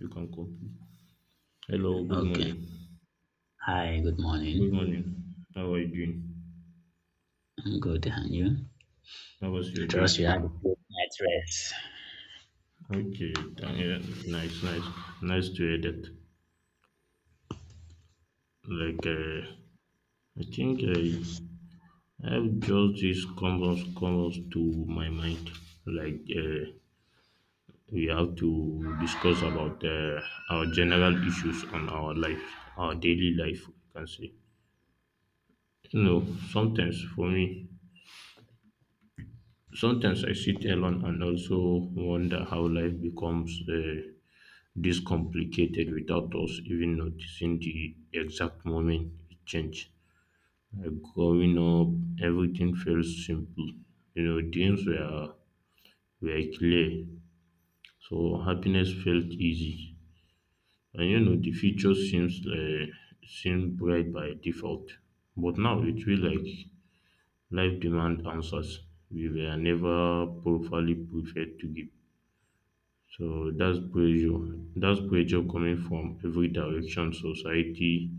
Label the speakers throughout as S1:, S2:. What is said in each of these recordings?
S1: You can copy. Hello, good
S2: Okay.
S1: morning.
S2: Hi, good
S1: Good
S2: morning.
S1: morning. How are you doing?
S2: I'm good, and you?
S1: How was
S2: I
S1: your
S2: trust
S1: day?
S2: you had a good night's rest.
S1: Okay, yeah, nice, nice, nice to hear that. Like, uh, I think I have just this comes to my mind. Like, uh, we have to discuss about our general issues on our life, our daily life. I can say, you know, sometimes for me, sometimes I sit alone and also wonder how life becomes this complicated without us even noticing the exact moment it changed. Like growing up, everything felt simple. You know, dreams were clear, so happiness felt easy. And you know, the future seems seemed bright by default. But now it feels like life demands answers we were never properly prepared to give. So that's pressure. That's pressure coming from every direction, society,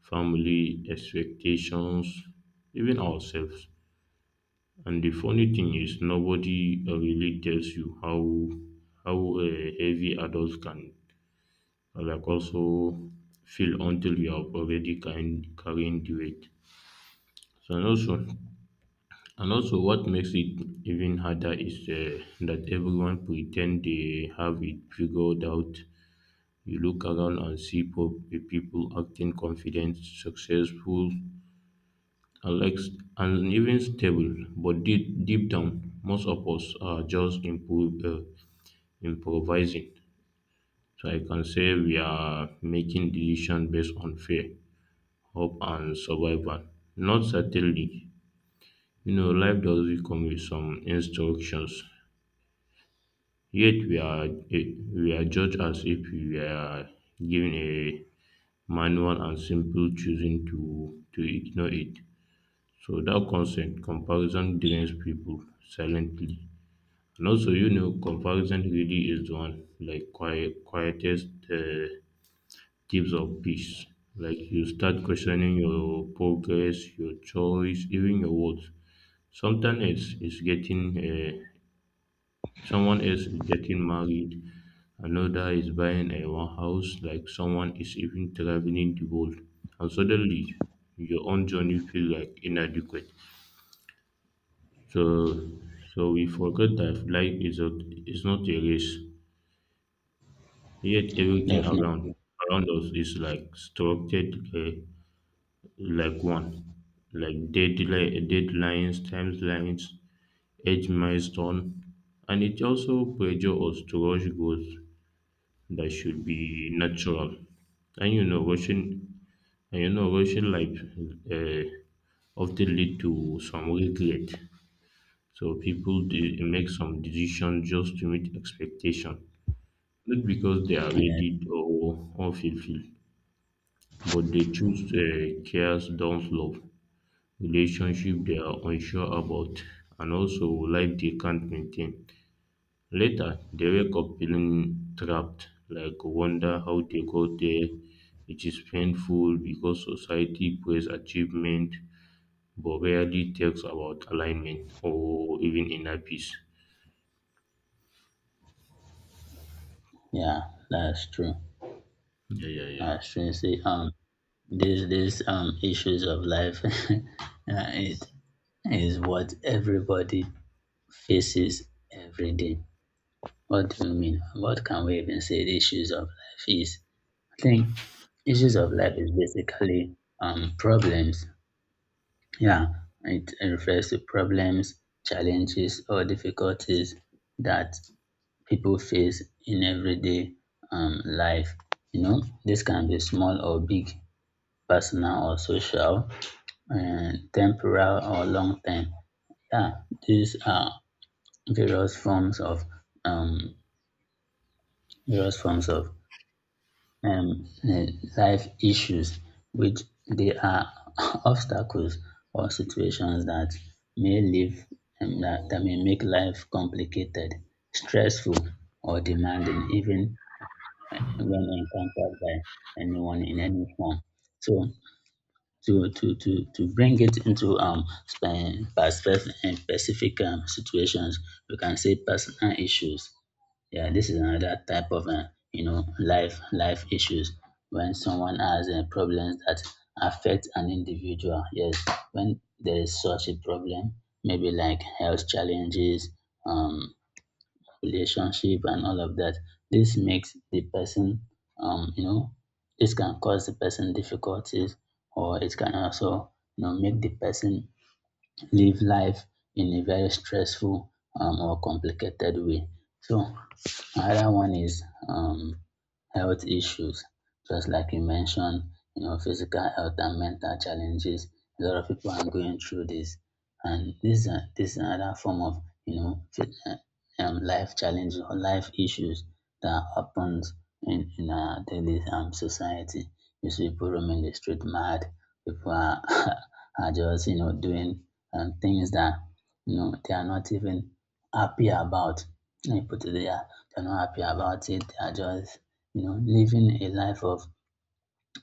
S1: family, expectations, even ourselves. And the funny thing is, nobody really tells you how how uh, heavy adults can like also feel until you are already carrying the weight. So and also, and also, what makes it even harder is that everyone pretend they have it figured out. You look around and see people acting confident, successful, and, like, and even stable. But deep down, most of us are just improvising. So I can say we are making decisions based on fear, hope, and survival. Not certainly. You know, life does come with some instructions. Yet eh, we are judged as if we are given a manual and simple choosing to ignore it. So that consent comparison drains people silently. And also, you know, comparison really is the one like quiet, quietest thieves of peace. Like you start questioning your progress, your choice, even your words. Sometimes it's getting someone else is getting married, another is buying a one house, like someone is even traveling the world. And suddenly, your own journey feels like inadequate. So, so we forget that life is a is not a race. Yet everything around
S2: Definitely.
S1: around us is like structured like one, like deadlines, timelines, age milestone, and it also pressure us to rush goals that should be natural. And you know, rushing and you know, rushing life uh, often lead to some regret. So people make some decisions just to meet expectation, not because they are
S2: Yeah,
S1: ready or unfulfilled, but they choose cares, don't love, relationship they are unsure about, and also life they can't maintain. Later, they wake up feeling trapped, like wonder how they got there, which is painful because society praise achievement but rarely talks about alignment or even inner peace.
S2: yeah, that's true.
S1: Yeah, yeah, yeah.
S2: That's true. You see, these issues of life, yeah, it is what everybody faces every day. What do you mean? What can we even say? The issues of life is. I think issues of life is basically problems. Yeah, it refers to problems, challenges, or difficulties that people face in everyday life. You know, this can be small or big, personal or social, and temporal or long term. Yeah, these are various forms of um, various forms of um, eh, life issues, which they are obstacles or situations that may live that, that may make life complicated, stressful, or demanding, even when encountered by anyone in any form. So to bring it into perspective and specific situations, we can say personal issues. Yeah, this is another type of life issues when someone has problems that affect an individual. Yes, when there is such a problem, maybe like health challenges, um relationship, and all of that, this makes the person, um you know this can cause the person difficulties, or it can also, make the person live life in a very stressful, or complicated way. So another one is um, health issues, just like you mentioned, physical health and mental challenges. A lot of people are going through this, and this is another form of you know phy- uh, life challenges or life issues that happens in our daily society. You see people roaming the street mad. People are are just doing and things that they are not even happy about. Let me put it there. They're not happy about it. They are just living a life of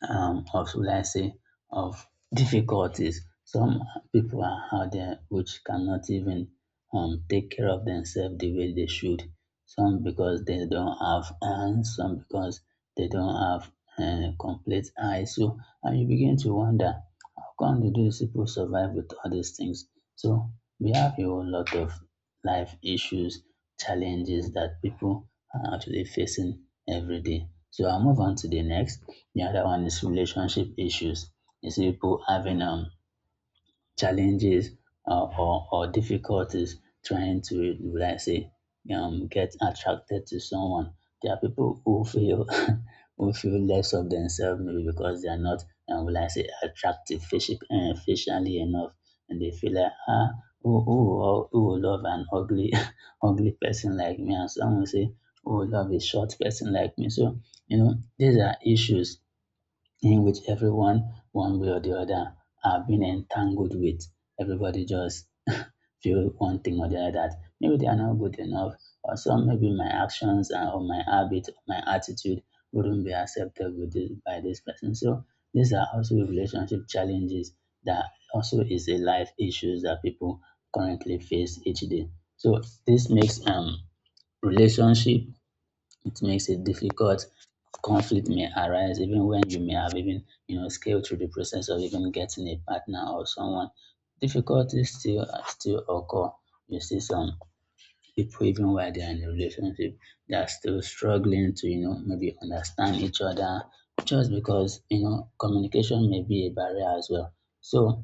S2: of, should I say, of difficulties. Some people are out there which cannot even take care of themselves the way they should. Some because they don't have hands, some because they don't have complete eyes. So, and you begin to wonder how come do these people survive with all these things? So we have a whole lot of life issues, challenges that people are actually facing every day. So I'll move on to the next. The other one is relationship issues. You see people having challenges, or difficulties trying to, let's say, get attracted to someone. There are people who feel who feel less of themselves, maybe because they are not will I say, attractive, facially enough, and they feel like, ah, who will love an ugly ugly person like me. And some will say, who will love a short person like me. So, these are issues in which everyone, one way or the other, have been entangled with. Everybody just feel one thing or the other, that maybe they are not good enough, or some maybe my actions, and or my habit, or my attitude wouldn't be accepted with this, by this person. So these are also relationship challenges that also is a life issues that people currently face each day. So this makes relationship, it makes it difficult. Conflict may arise even when you may have even, scaled through the process of even getting a partner or someone. Difficulties still occur. You see some people, even while they are in a relationship, they are still struggling to, maybe understand each other, just because, communication may be a barrier as well. So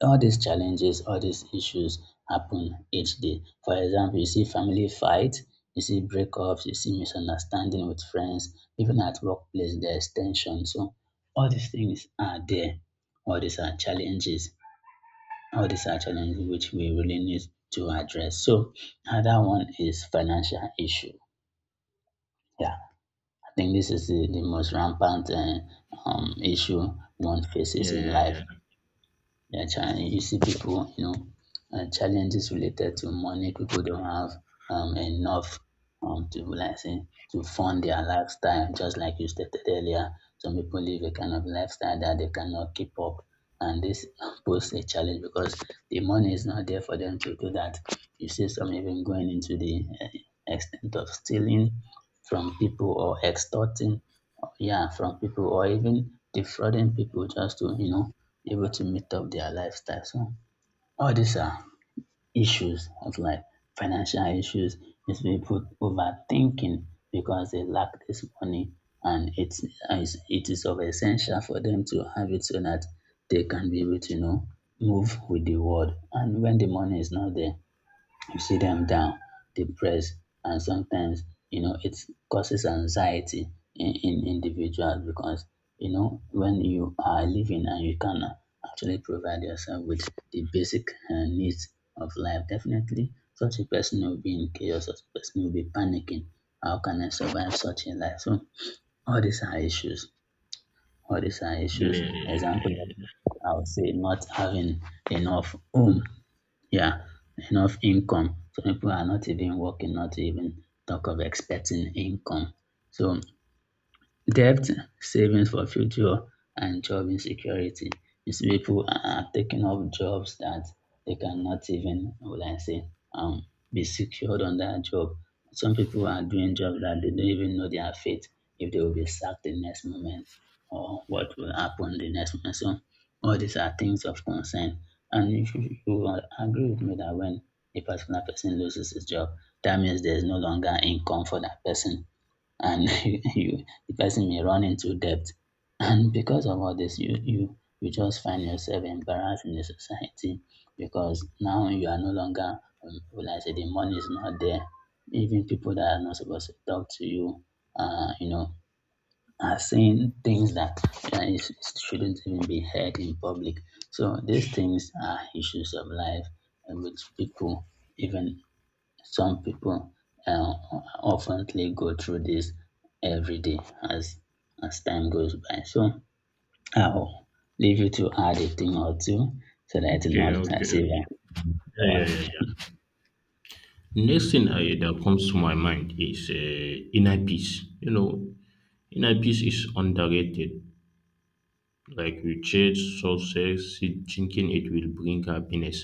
S2: all these challenges, all these issues happen each day. For example, you see family fight, you see breakups, you see misunderstanding with friends, even at workplace, there tension. So all these things are there. All these are challenges. All these are challenges which we really need to address. So another one is financial issue. Yeah, I think this is the most rampant issue one
S1: Yeah,
S2: faces in
S1: yeah,
S2: life.
S1: yeah.
S2: Yeah, China, you see people, challenges related to money. People don't have enough, to like say, to fund their lifestyle. Just like you stated earlier, some people live a kind of lifestyle that they cannot keep up, and this poses a challenge because the money is not there for them to do that. You see some even going into the extent of stealing from people, or extorting, yeah, from people, or even defrauding people, just to, be able to meet up their lifestyle. So all these are issues of like, financial issues is people overthinking because they lack this money, and it is of essential for them to have it, so that they can be able to move with the world. And when the money is not there, you see them down, depressed, and sometimes, it causes anxiety in individuals. Because, when you are living, and you can actually provide yourself with the basic needs of life, definitely such a person will be in chaos, such a person will be panicking. How can I survive such a life? So all these are issues. All these are
S1: Yeah,
S2: issues.
S1: yeah, yeah, yeah,
S2: Example,
S1: yeah, yeah.
S2: I would say not having enough home, yeah, enough income. So people are not even working, not even talk of expecting income. So, debt, savings for future, and job insecurity. These people are taking up jobs that they cannot even, how will I say, be secured on that job. Some people are doing jobs that they don't even know their fate if they will be sacked the next moment, or what will happen the next moment. So all these are things of concern. And if you will agree with me that when a particular person loses his job, that means there is no longer income for that person, and you the person may run into debt. And because of all this, you just find yourself embarrassed in the society, because now you are no longer, will I say, the money is not there. Even people that are not supposed to talk to you, uh, you know, are saying things that uh, is- shouldn't even be heard in public. So these things are issues of life, which people, even some people, uh, oftenly go through this every day, as as time goes by. So I'll leave you to add a thing or two, so that you
S1: Okay,
S2: know that I say
S1: okay.
S2: that. Or,
S1: Yeah, yeah, yeah, yeah. Next thing I, that comes to my mind is inner peace. You know, inner peace is underrated like we chase success thinking it will bring happiness.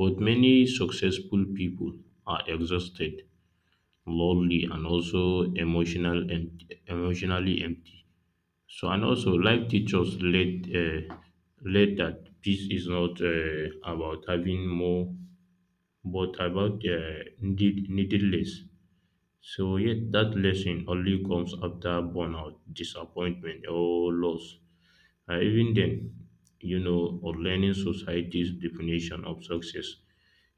S1: But many successful people are exhausted, lonely, and also emotional and emotionally empty. So and also life teachers let let that peace is not about having more, but about needed less. So yet that lesson only comes after burnout, disappointment, or loss. Even then, you know, or learning society's definition of success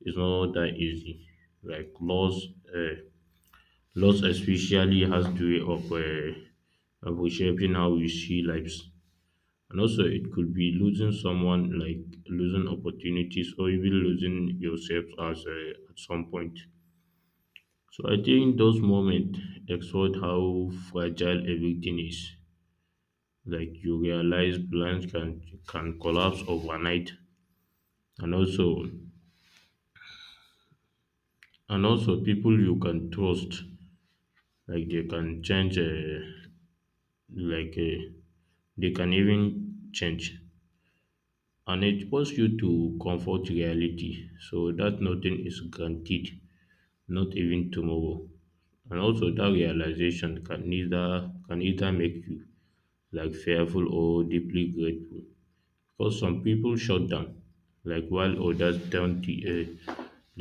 S1: is not that easy. Like laws, uh, laws especially has the way of shaping how we see lives, and also it could be losing someone, like losing opportunities, or even losing yourself as at some point. So I think those moments expose how fragile everything is. Like you realize plans can collapse overnight, and also and also people you can trust like they can change uh, like uh, they can even change and it forces you to comfort reality so that nothing is guaranteed, not even tomorrow. And also that realization can either make you like fearful or deeply grateful because some people shut down like while others don't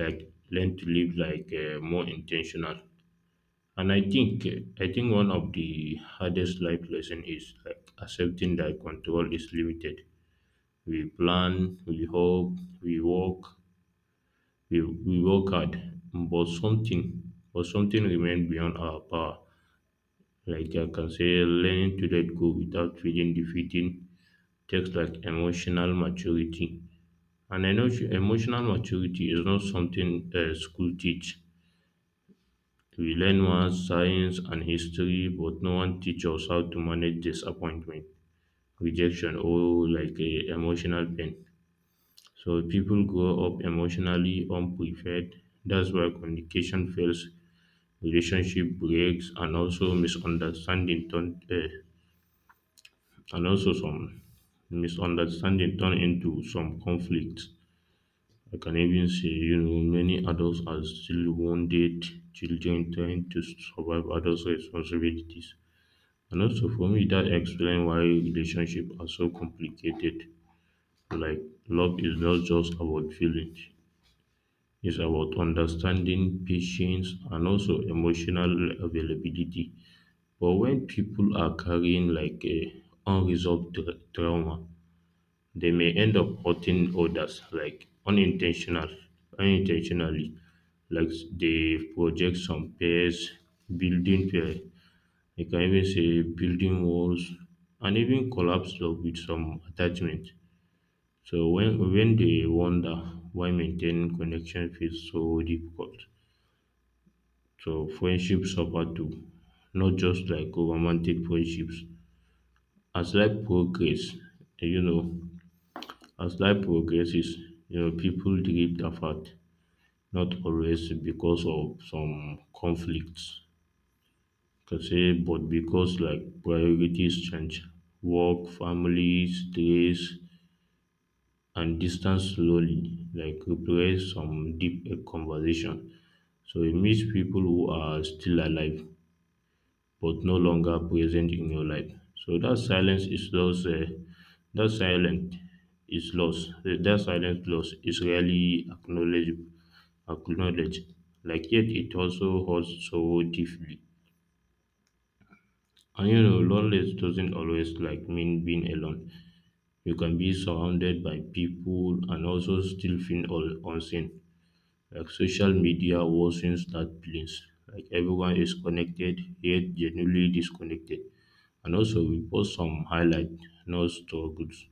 S1: like learn to live like more intentional. And I think one of the hardest life lesson is like accepting that control is limited. We plan, we hope, we work, we work hard, but something remains beyond our power. Like I can say, learning to let go without feeling defeating takes like emotional maturity. And I know emotional maturity is not something school teach. We learn math, science, and history, but no one teach us how to manage disappointment, rejection, or like a emotional pain. So people grow up emotionally unprepared. That's why communication fails, relationship breaks, and also and also some misunderstanding turn into some conflicts. I can even say, you know, many adults are still wounded children trying to survive adults' responsibilities. And also for me that explains why relationships are so complicated. Like love is not just about feelings. It's about understanding, patience, and also emotional availability. But when people are carrying like a unresolved trauma, they may end up hurting others, like unintentionally, like they project some fears, building fear, you can even say building walls and even collapse block with some attachment. So when they wonder why maintaining connection feels so difficult. So friendships suffer too, not just like romantic friendships. As life progress, you know, as life progresses, you know, people drift apart, not always because of some conflicts. Can say, but because like priorities change, work, family, stress, and distance slowly like replace some conversation. So you meet people who are still alive but no longer present in your life. So that silence is lost. That silence That silence loss is rarely acknowledged, like yet it also hurts so deeply. And you know, loneliness doesn't always like mean being alone. You can be surrounded by people and also still feel all unseen. Like social media worsens that feelings. Like everyone is connected yet genuinely disconnected. And also we post some highlight, no struggles.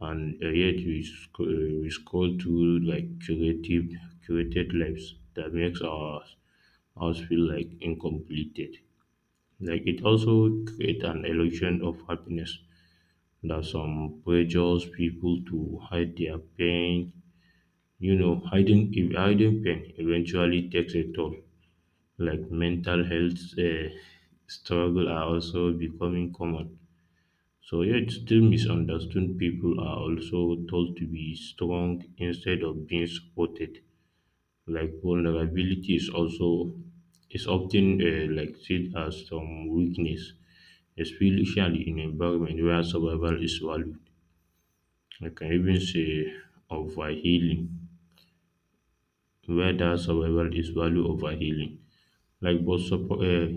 S1: And we scroll through like curated lives that makes our us feel like incomplete. Like it also create an illusion of happiness that some pressures people to hide their pain. You know, hiding if hiding pain eventually takes a toll. Like mental health struggle are also becoming common. So yeah, it's still misunderstood. People are also told to be strong instead of being supported. Like vulnerability is also is often like seen as some weakness, especially in environment where survival is valued. I can even say over healing, whether survival is value over healing. Like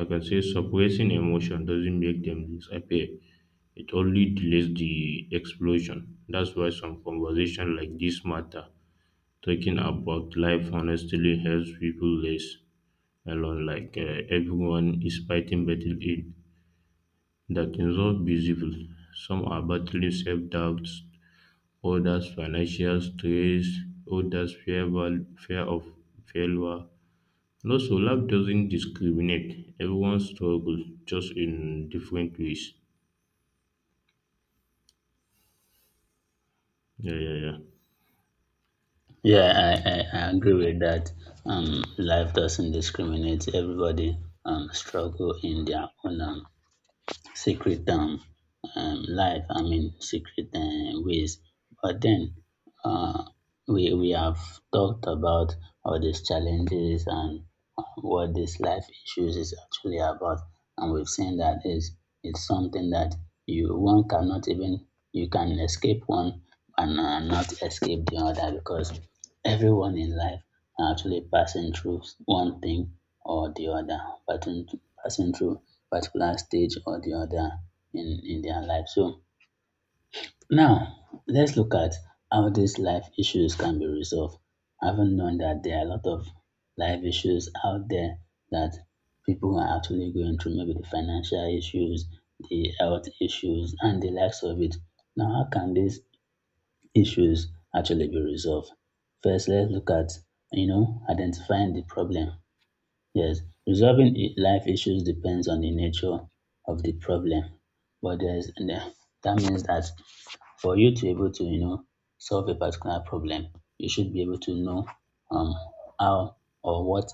S1: I can say suppressing emotion doesn't make them disappear. It only delays the explosion. That's why some conversation like this matter. Talking about life honestly helps people less alone. Like everyone is fighting battle it that cannot visible. Some are battling self doubts, others financial stress, others fear of failure. And also, love doesn't discriminate. Everyone struggles just in different ways. Yeah, yeah, yeah.
S2: yeah, I agree with that. Life doesn't discriminate. Everybody struggle in their own secret, life, I mean, secret, ways. But then, uh, we have talked about all these challenges, and what this life issues is actually about. And we've seen that is it's something that you one cannot even, you can escape one, and not escape the other, because everyone in life are actually passing through one thing or the other, passing passing through particular stage or the other, in their life. So now let's look at how these life issues can be resolved. Having known that there are a lot of life issues out there that people are actually going through, maybe the financial issues, the health issues, and the likes of it. Now, how can these issues actually be resolved? First, let's look at, identifying the problem. Yes, resolving life issues depends on the nature of the problem, but that means that for you to be able to, solve a particular problem, you should be able to know, um how or what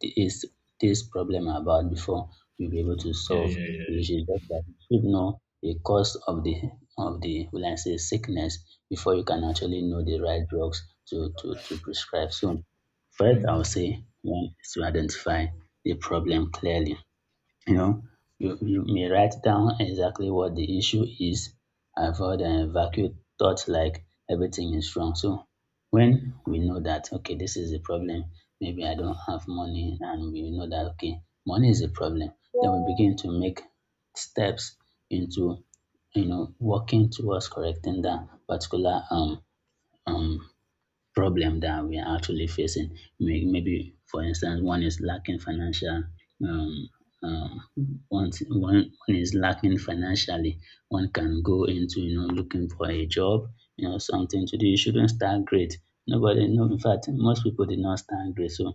S2: is this problem about, before you be able to
S1: Yeah,
S2: solve
S1: yeah,
S2: the
S1: yeah.
S2: issue. Just like you should know the cause of the will I say, sickness, before you can actually know the right drugs to prescribe. So, first, I would say
S1: Mm.
S2: one is to identify the problem clearly. You know, you may write down exactly what the issue is. Avoid and evacuate thoughts like everything is wrong. So when we know that okay, this is the problem, maybe I don't have money, and we know that okay, money is a problem, then we begin to make steps into, working towards correcting that particular um problem that we are actually facing. Maybe, for instance, one is lacking financial. Um, um, one is lacking financially. One can go into, looking for a job, something to do. You shouldn't start great. Nobody, no. In fact, most people did not start great. So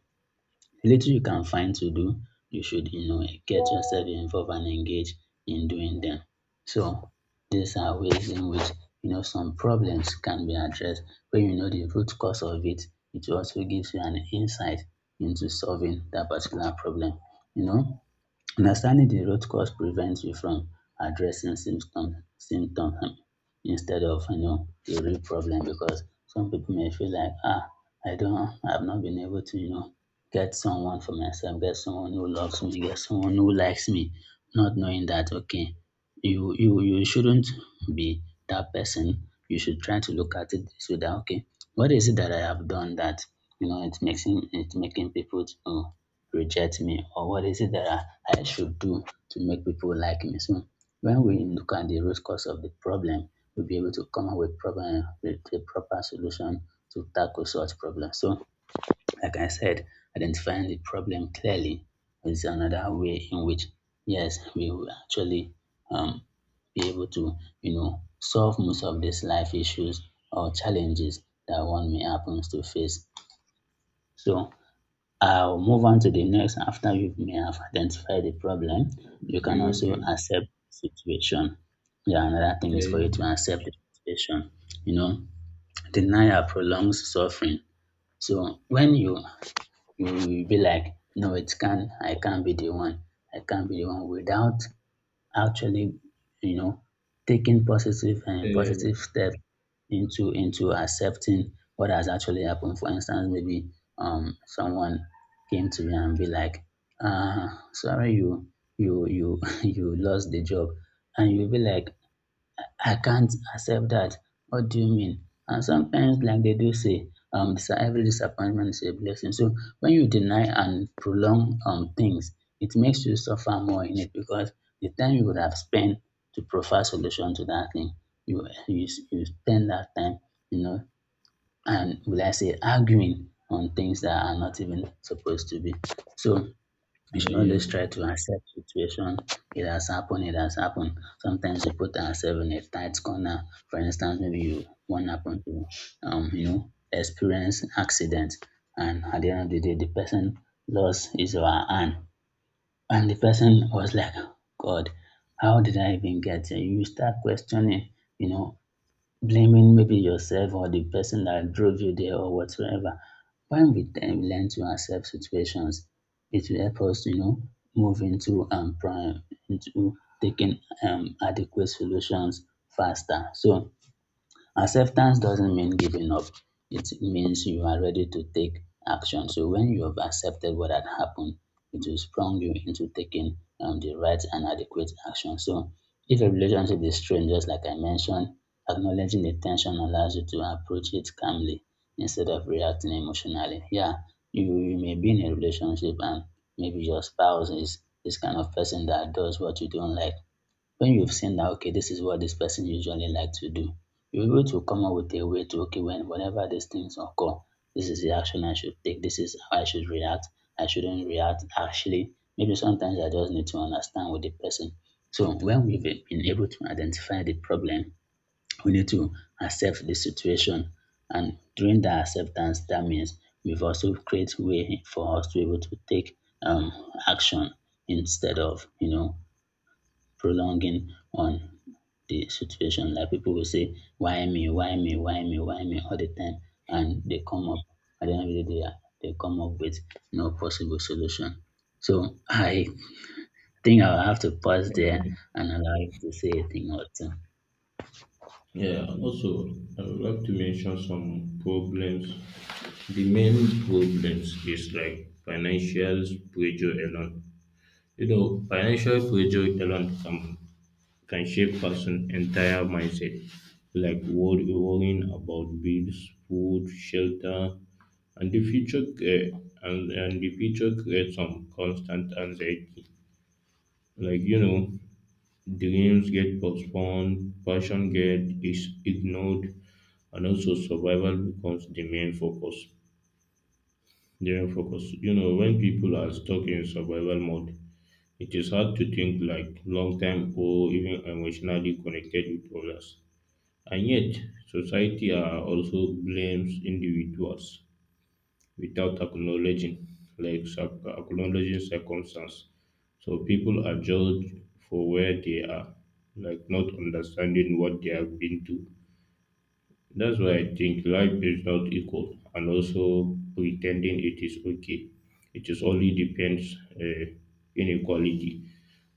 S2: the little you can find to do, you should, get yourself involved and engaged in doing them. So these are ways in which some problems can be addressed. When you know the root cause of it, it also gives you an insight into solving that particular problem. You know, Understanding the root cause prevents you from addressing symptom instead of the real problem, because some people may feel like, ah, I've not been able to get someone for myself, get someone who loves me, get someone who likes me, not knowing that, okay, you shouldn't be that person. You should try to look at it so that, okay, what is it that I have done that it makes him, it's making people to reject me, or what is it that I should do to make people like me. So when we look at the root cause of the problem, we'll be able to come up with problem with a proper solution to tackle such problems. So like I said, identifying the problem clearly is another way in which yes we will actually um be able to solve most of these life issues or challenges that one may happens to face. So I'll move on to the next after you may have identified the problem. You
S1: Okay,
S2: can also
S1: okay.
S2: accept the situation. Yeah, another thing is for
S1: Yeah,
S2: you to accept the situation. You know, denial prolongs suffering. So when you will be like, no, it can I can't be the one. I can't be the one without actually you know taking positive and
S1: yeah, yeah,
S2: positive steps into accepting what has actually happened. For instance, maybe someone came to you and be like, ah, sorry, you you lost the job, and you'll be like, I can't accept that. What do you mean? And sometimes, like they do say, every disappointment is a blessing. So when you deny and prolong things, it makes you suffer more in it, because the time you would have spent to provide solution to that thing, you spend that time, you know, and will I say arguing on things that are not even supposed to be. So we
S1: yeah,
S2: should
S1: yeah,
S2: always
S1: yeah.
S2: try to accept situation. It has happened, it has happened. Sometimes we put ourselves in a tight corner. For instance, maybe you one happen to you know, experience accident, and at the end of the day the person lost his or her hand. And the person was like, God, how did I even get here? You start questioning, you know, blaming maybe yourself or the person that drove you there or whatsoever. When we learn to accept situations, it will help us, you know, move into taking adequate solutions faster. So acceptance doesn't mean giving up. It means you are ready to take action. So when you have accepted what had happened, it will sprung you into taking the right and adequate action. So if a relationship is strained, just like I mentioned, acknowledging the tension allows you to approach it calmly instead of reacting emotionally. Yeah, you may be in a relationship, and maybe your spouse is this kind of person that does what you don't like. When you've seen that, okay, this is what this person usually like to do, you're able to come up with a way to, okay, when whenever these things occur, this is the action I should take, this is how I should react, I shouldn't react. Actually, maybe sometimes I just need to understand with the person. So when we've been able to identify the problem, we need to accept the situation. And during that acceptance, that means we've also created way for us to be able to take um action instead of prolonging on the situation. Like people will say, why me, why me, why me, why me all the time. And they come up, at the end of the day, they come up with no possible solution. So I think I'll have to pause there and allow you to say a thing or two.
S1: Yeah, also, I would like to mention some problems. The main problems is like financial pressure alone. You know, financial pressure alone can shape person entire mindset, like worrying about bills, food, shelter, and the future, and the future creates some constant anxiety. Like, you know, dreams get postponed, passion get is ignored, and also survival becomes the main focus. The main focus. You know, when people are stuck in survival mode, it is hard to think like long term or even emotionally connected with others. And yet, society are also blames individuals without acknowledging circumstance. So people are judged for where they are, like not understanding what they have been to. That's why I think life is not equal, and also pretending it is okay. It is only depends inequality.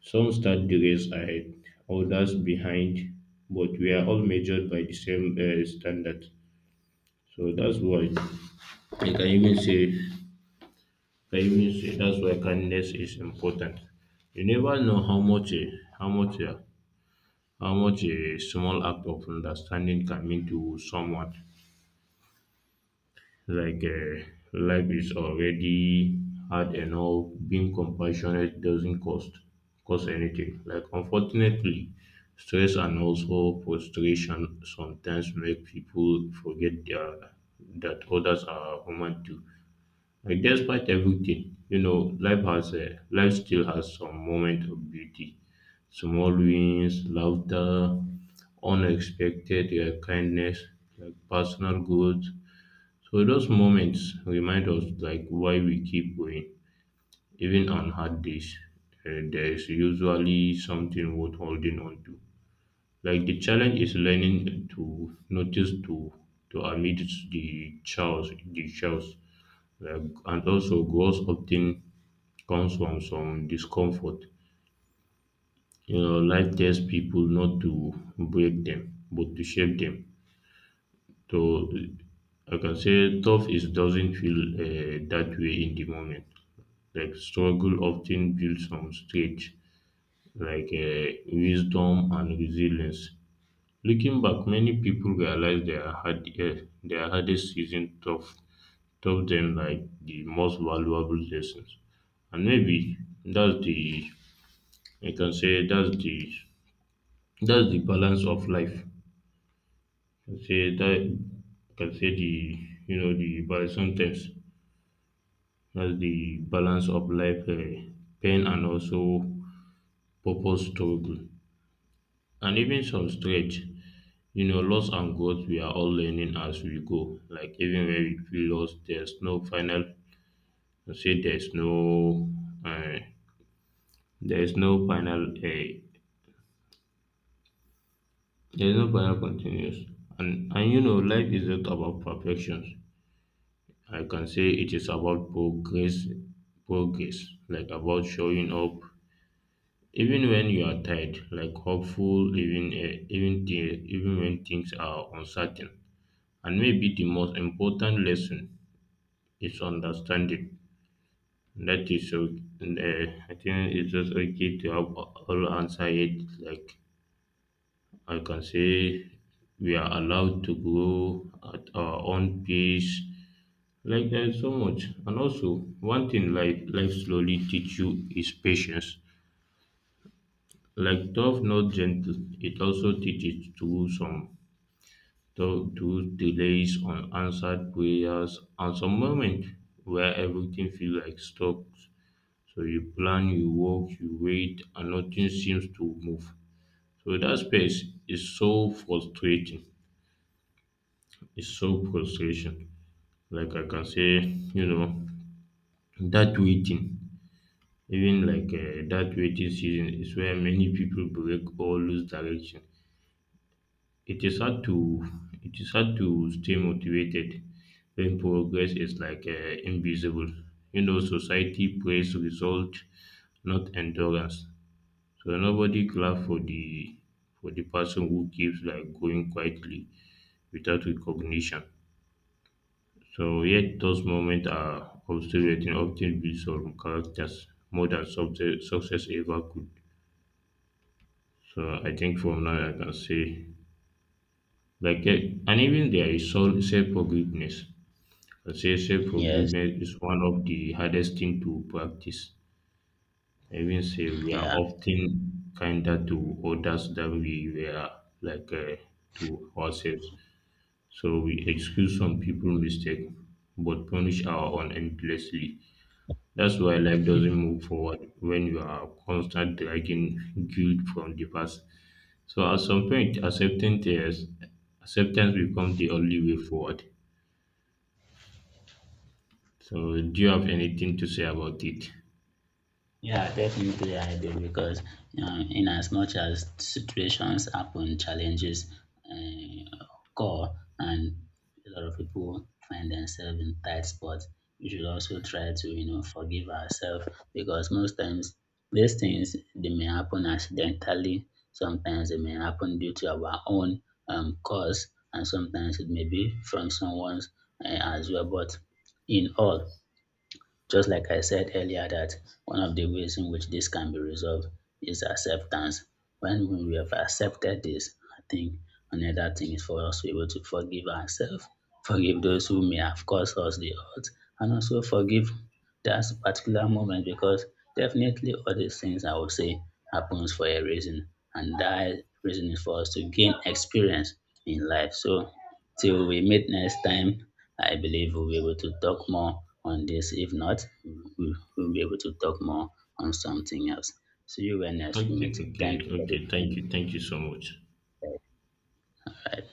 S1: Some start the race ahead, others behind, but we are all measured by the same standard. So that's why like I can even say, I can even say that's why kindness is important. You never know how much a how much a how much a small act of understanding can mean to someone. Like life is already hard enough. Being compassionate doesn't cost anything. Like unfortunately, stress and also frustration sometimes make people forget their, that others are human too. Like despite everything, you know, life has a life still has some moment of beauty. Small wins, laughter, unexpected kindness, like personal growth, so those moments remind us like why we keep going. Even on hard days, there is usually something worth holding on to. Like the challenge is learning to notice to amidst the chaos, like, and also growth often comes from some discomfort. You know, life tells people not to break them, but to shape them. So I can say tough is doesn't feel that way in the moment like struggle often builds some strength like wisdom and resilience. Looking back, many people realize their their hardest season taught them like the most valuable lessons, and maybe that's the I can say that's the balance of life. I can say that I can say the you know the but sometimes that's the balance of life, pain and also purpose struggle. And even some stretch. You know, loss and growth, we are all learning as we go. Like, even when we feel lost, there's uh, there's no there's no final continuous. And you know, life is not about perfection. I can say it is about progress, like about showing up, even when you are tired, like hopeful, even when things are uncertain. And maybe the most important lesson is understanding. That is, so- I think it's just okay to have all answer yet. Like I can say, we are allowed to grow at our own pace. Like there's so much, and also one thing life slowly teach you is patience. Like tough, not gentle. It also teaches through some though to delays on answered prayers and some moment where everything feels like stuck. So you plan, you work, you wait, and nothing seems to move. So that space is so frustrating. It's so frustration. Like I can say, you know, that waiting, that waiting season is where many people break or lose direction. It is hard to it is hard to stay motivated when progress is like invisible. You know, society praise result, not endurance. So nobody clap for the person who keeps like going quietly without recognition. So yet those moments are obsolete and often build some characters more than success ever could. So I think from now I can say like and even there is self forgiveness. Self
S2: Yes.
S1: forgiveness is one of the hardest thing to practice. I mean, say we are
S2: Yeah.
S1: often kinder to others than we were like to ourselves. So we excuse some people's mistake, but punish our own endlessly. That's why life doesn't move forward when you are constant dragging guilt from the past. So at some point, acceptance becomes the only way forward. So do you have anything to say about it?
S2: Yeah, definitely I do, because in as much as situations happen, challenges uh, occur, and a lot of people find themselves in tight spots. We should also try to forgive ourselves, because most times these things they may happen accidentally. Sometimes they may happen due to our own cause, and sometimes it may be from someone's as well. But in all, just like I said earlier, that one of the ways in which this can be resolved is acceptance. When we have accepted this, I think another thing is for us to be able to forgive ourselves, forgive those who may have caused us the hurt, and also forgive that particular moment, because definitely all these things I would say happens for a reason, and that reason is for us to gain experience in life. So till we meet next time, I believe we'll be able to talk more on this. If not, we'll be able to talk more on something else. See you when next we
S1: Okay,
S2: meet. Thank
S1: okay,
S2: you for the
S1: okay.
S2: time.
S1: Thank you so much.
S2: Bye.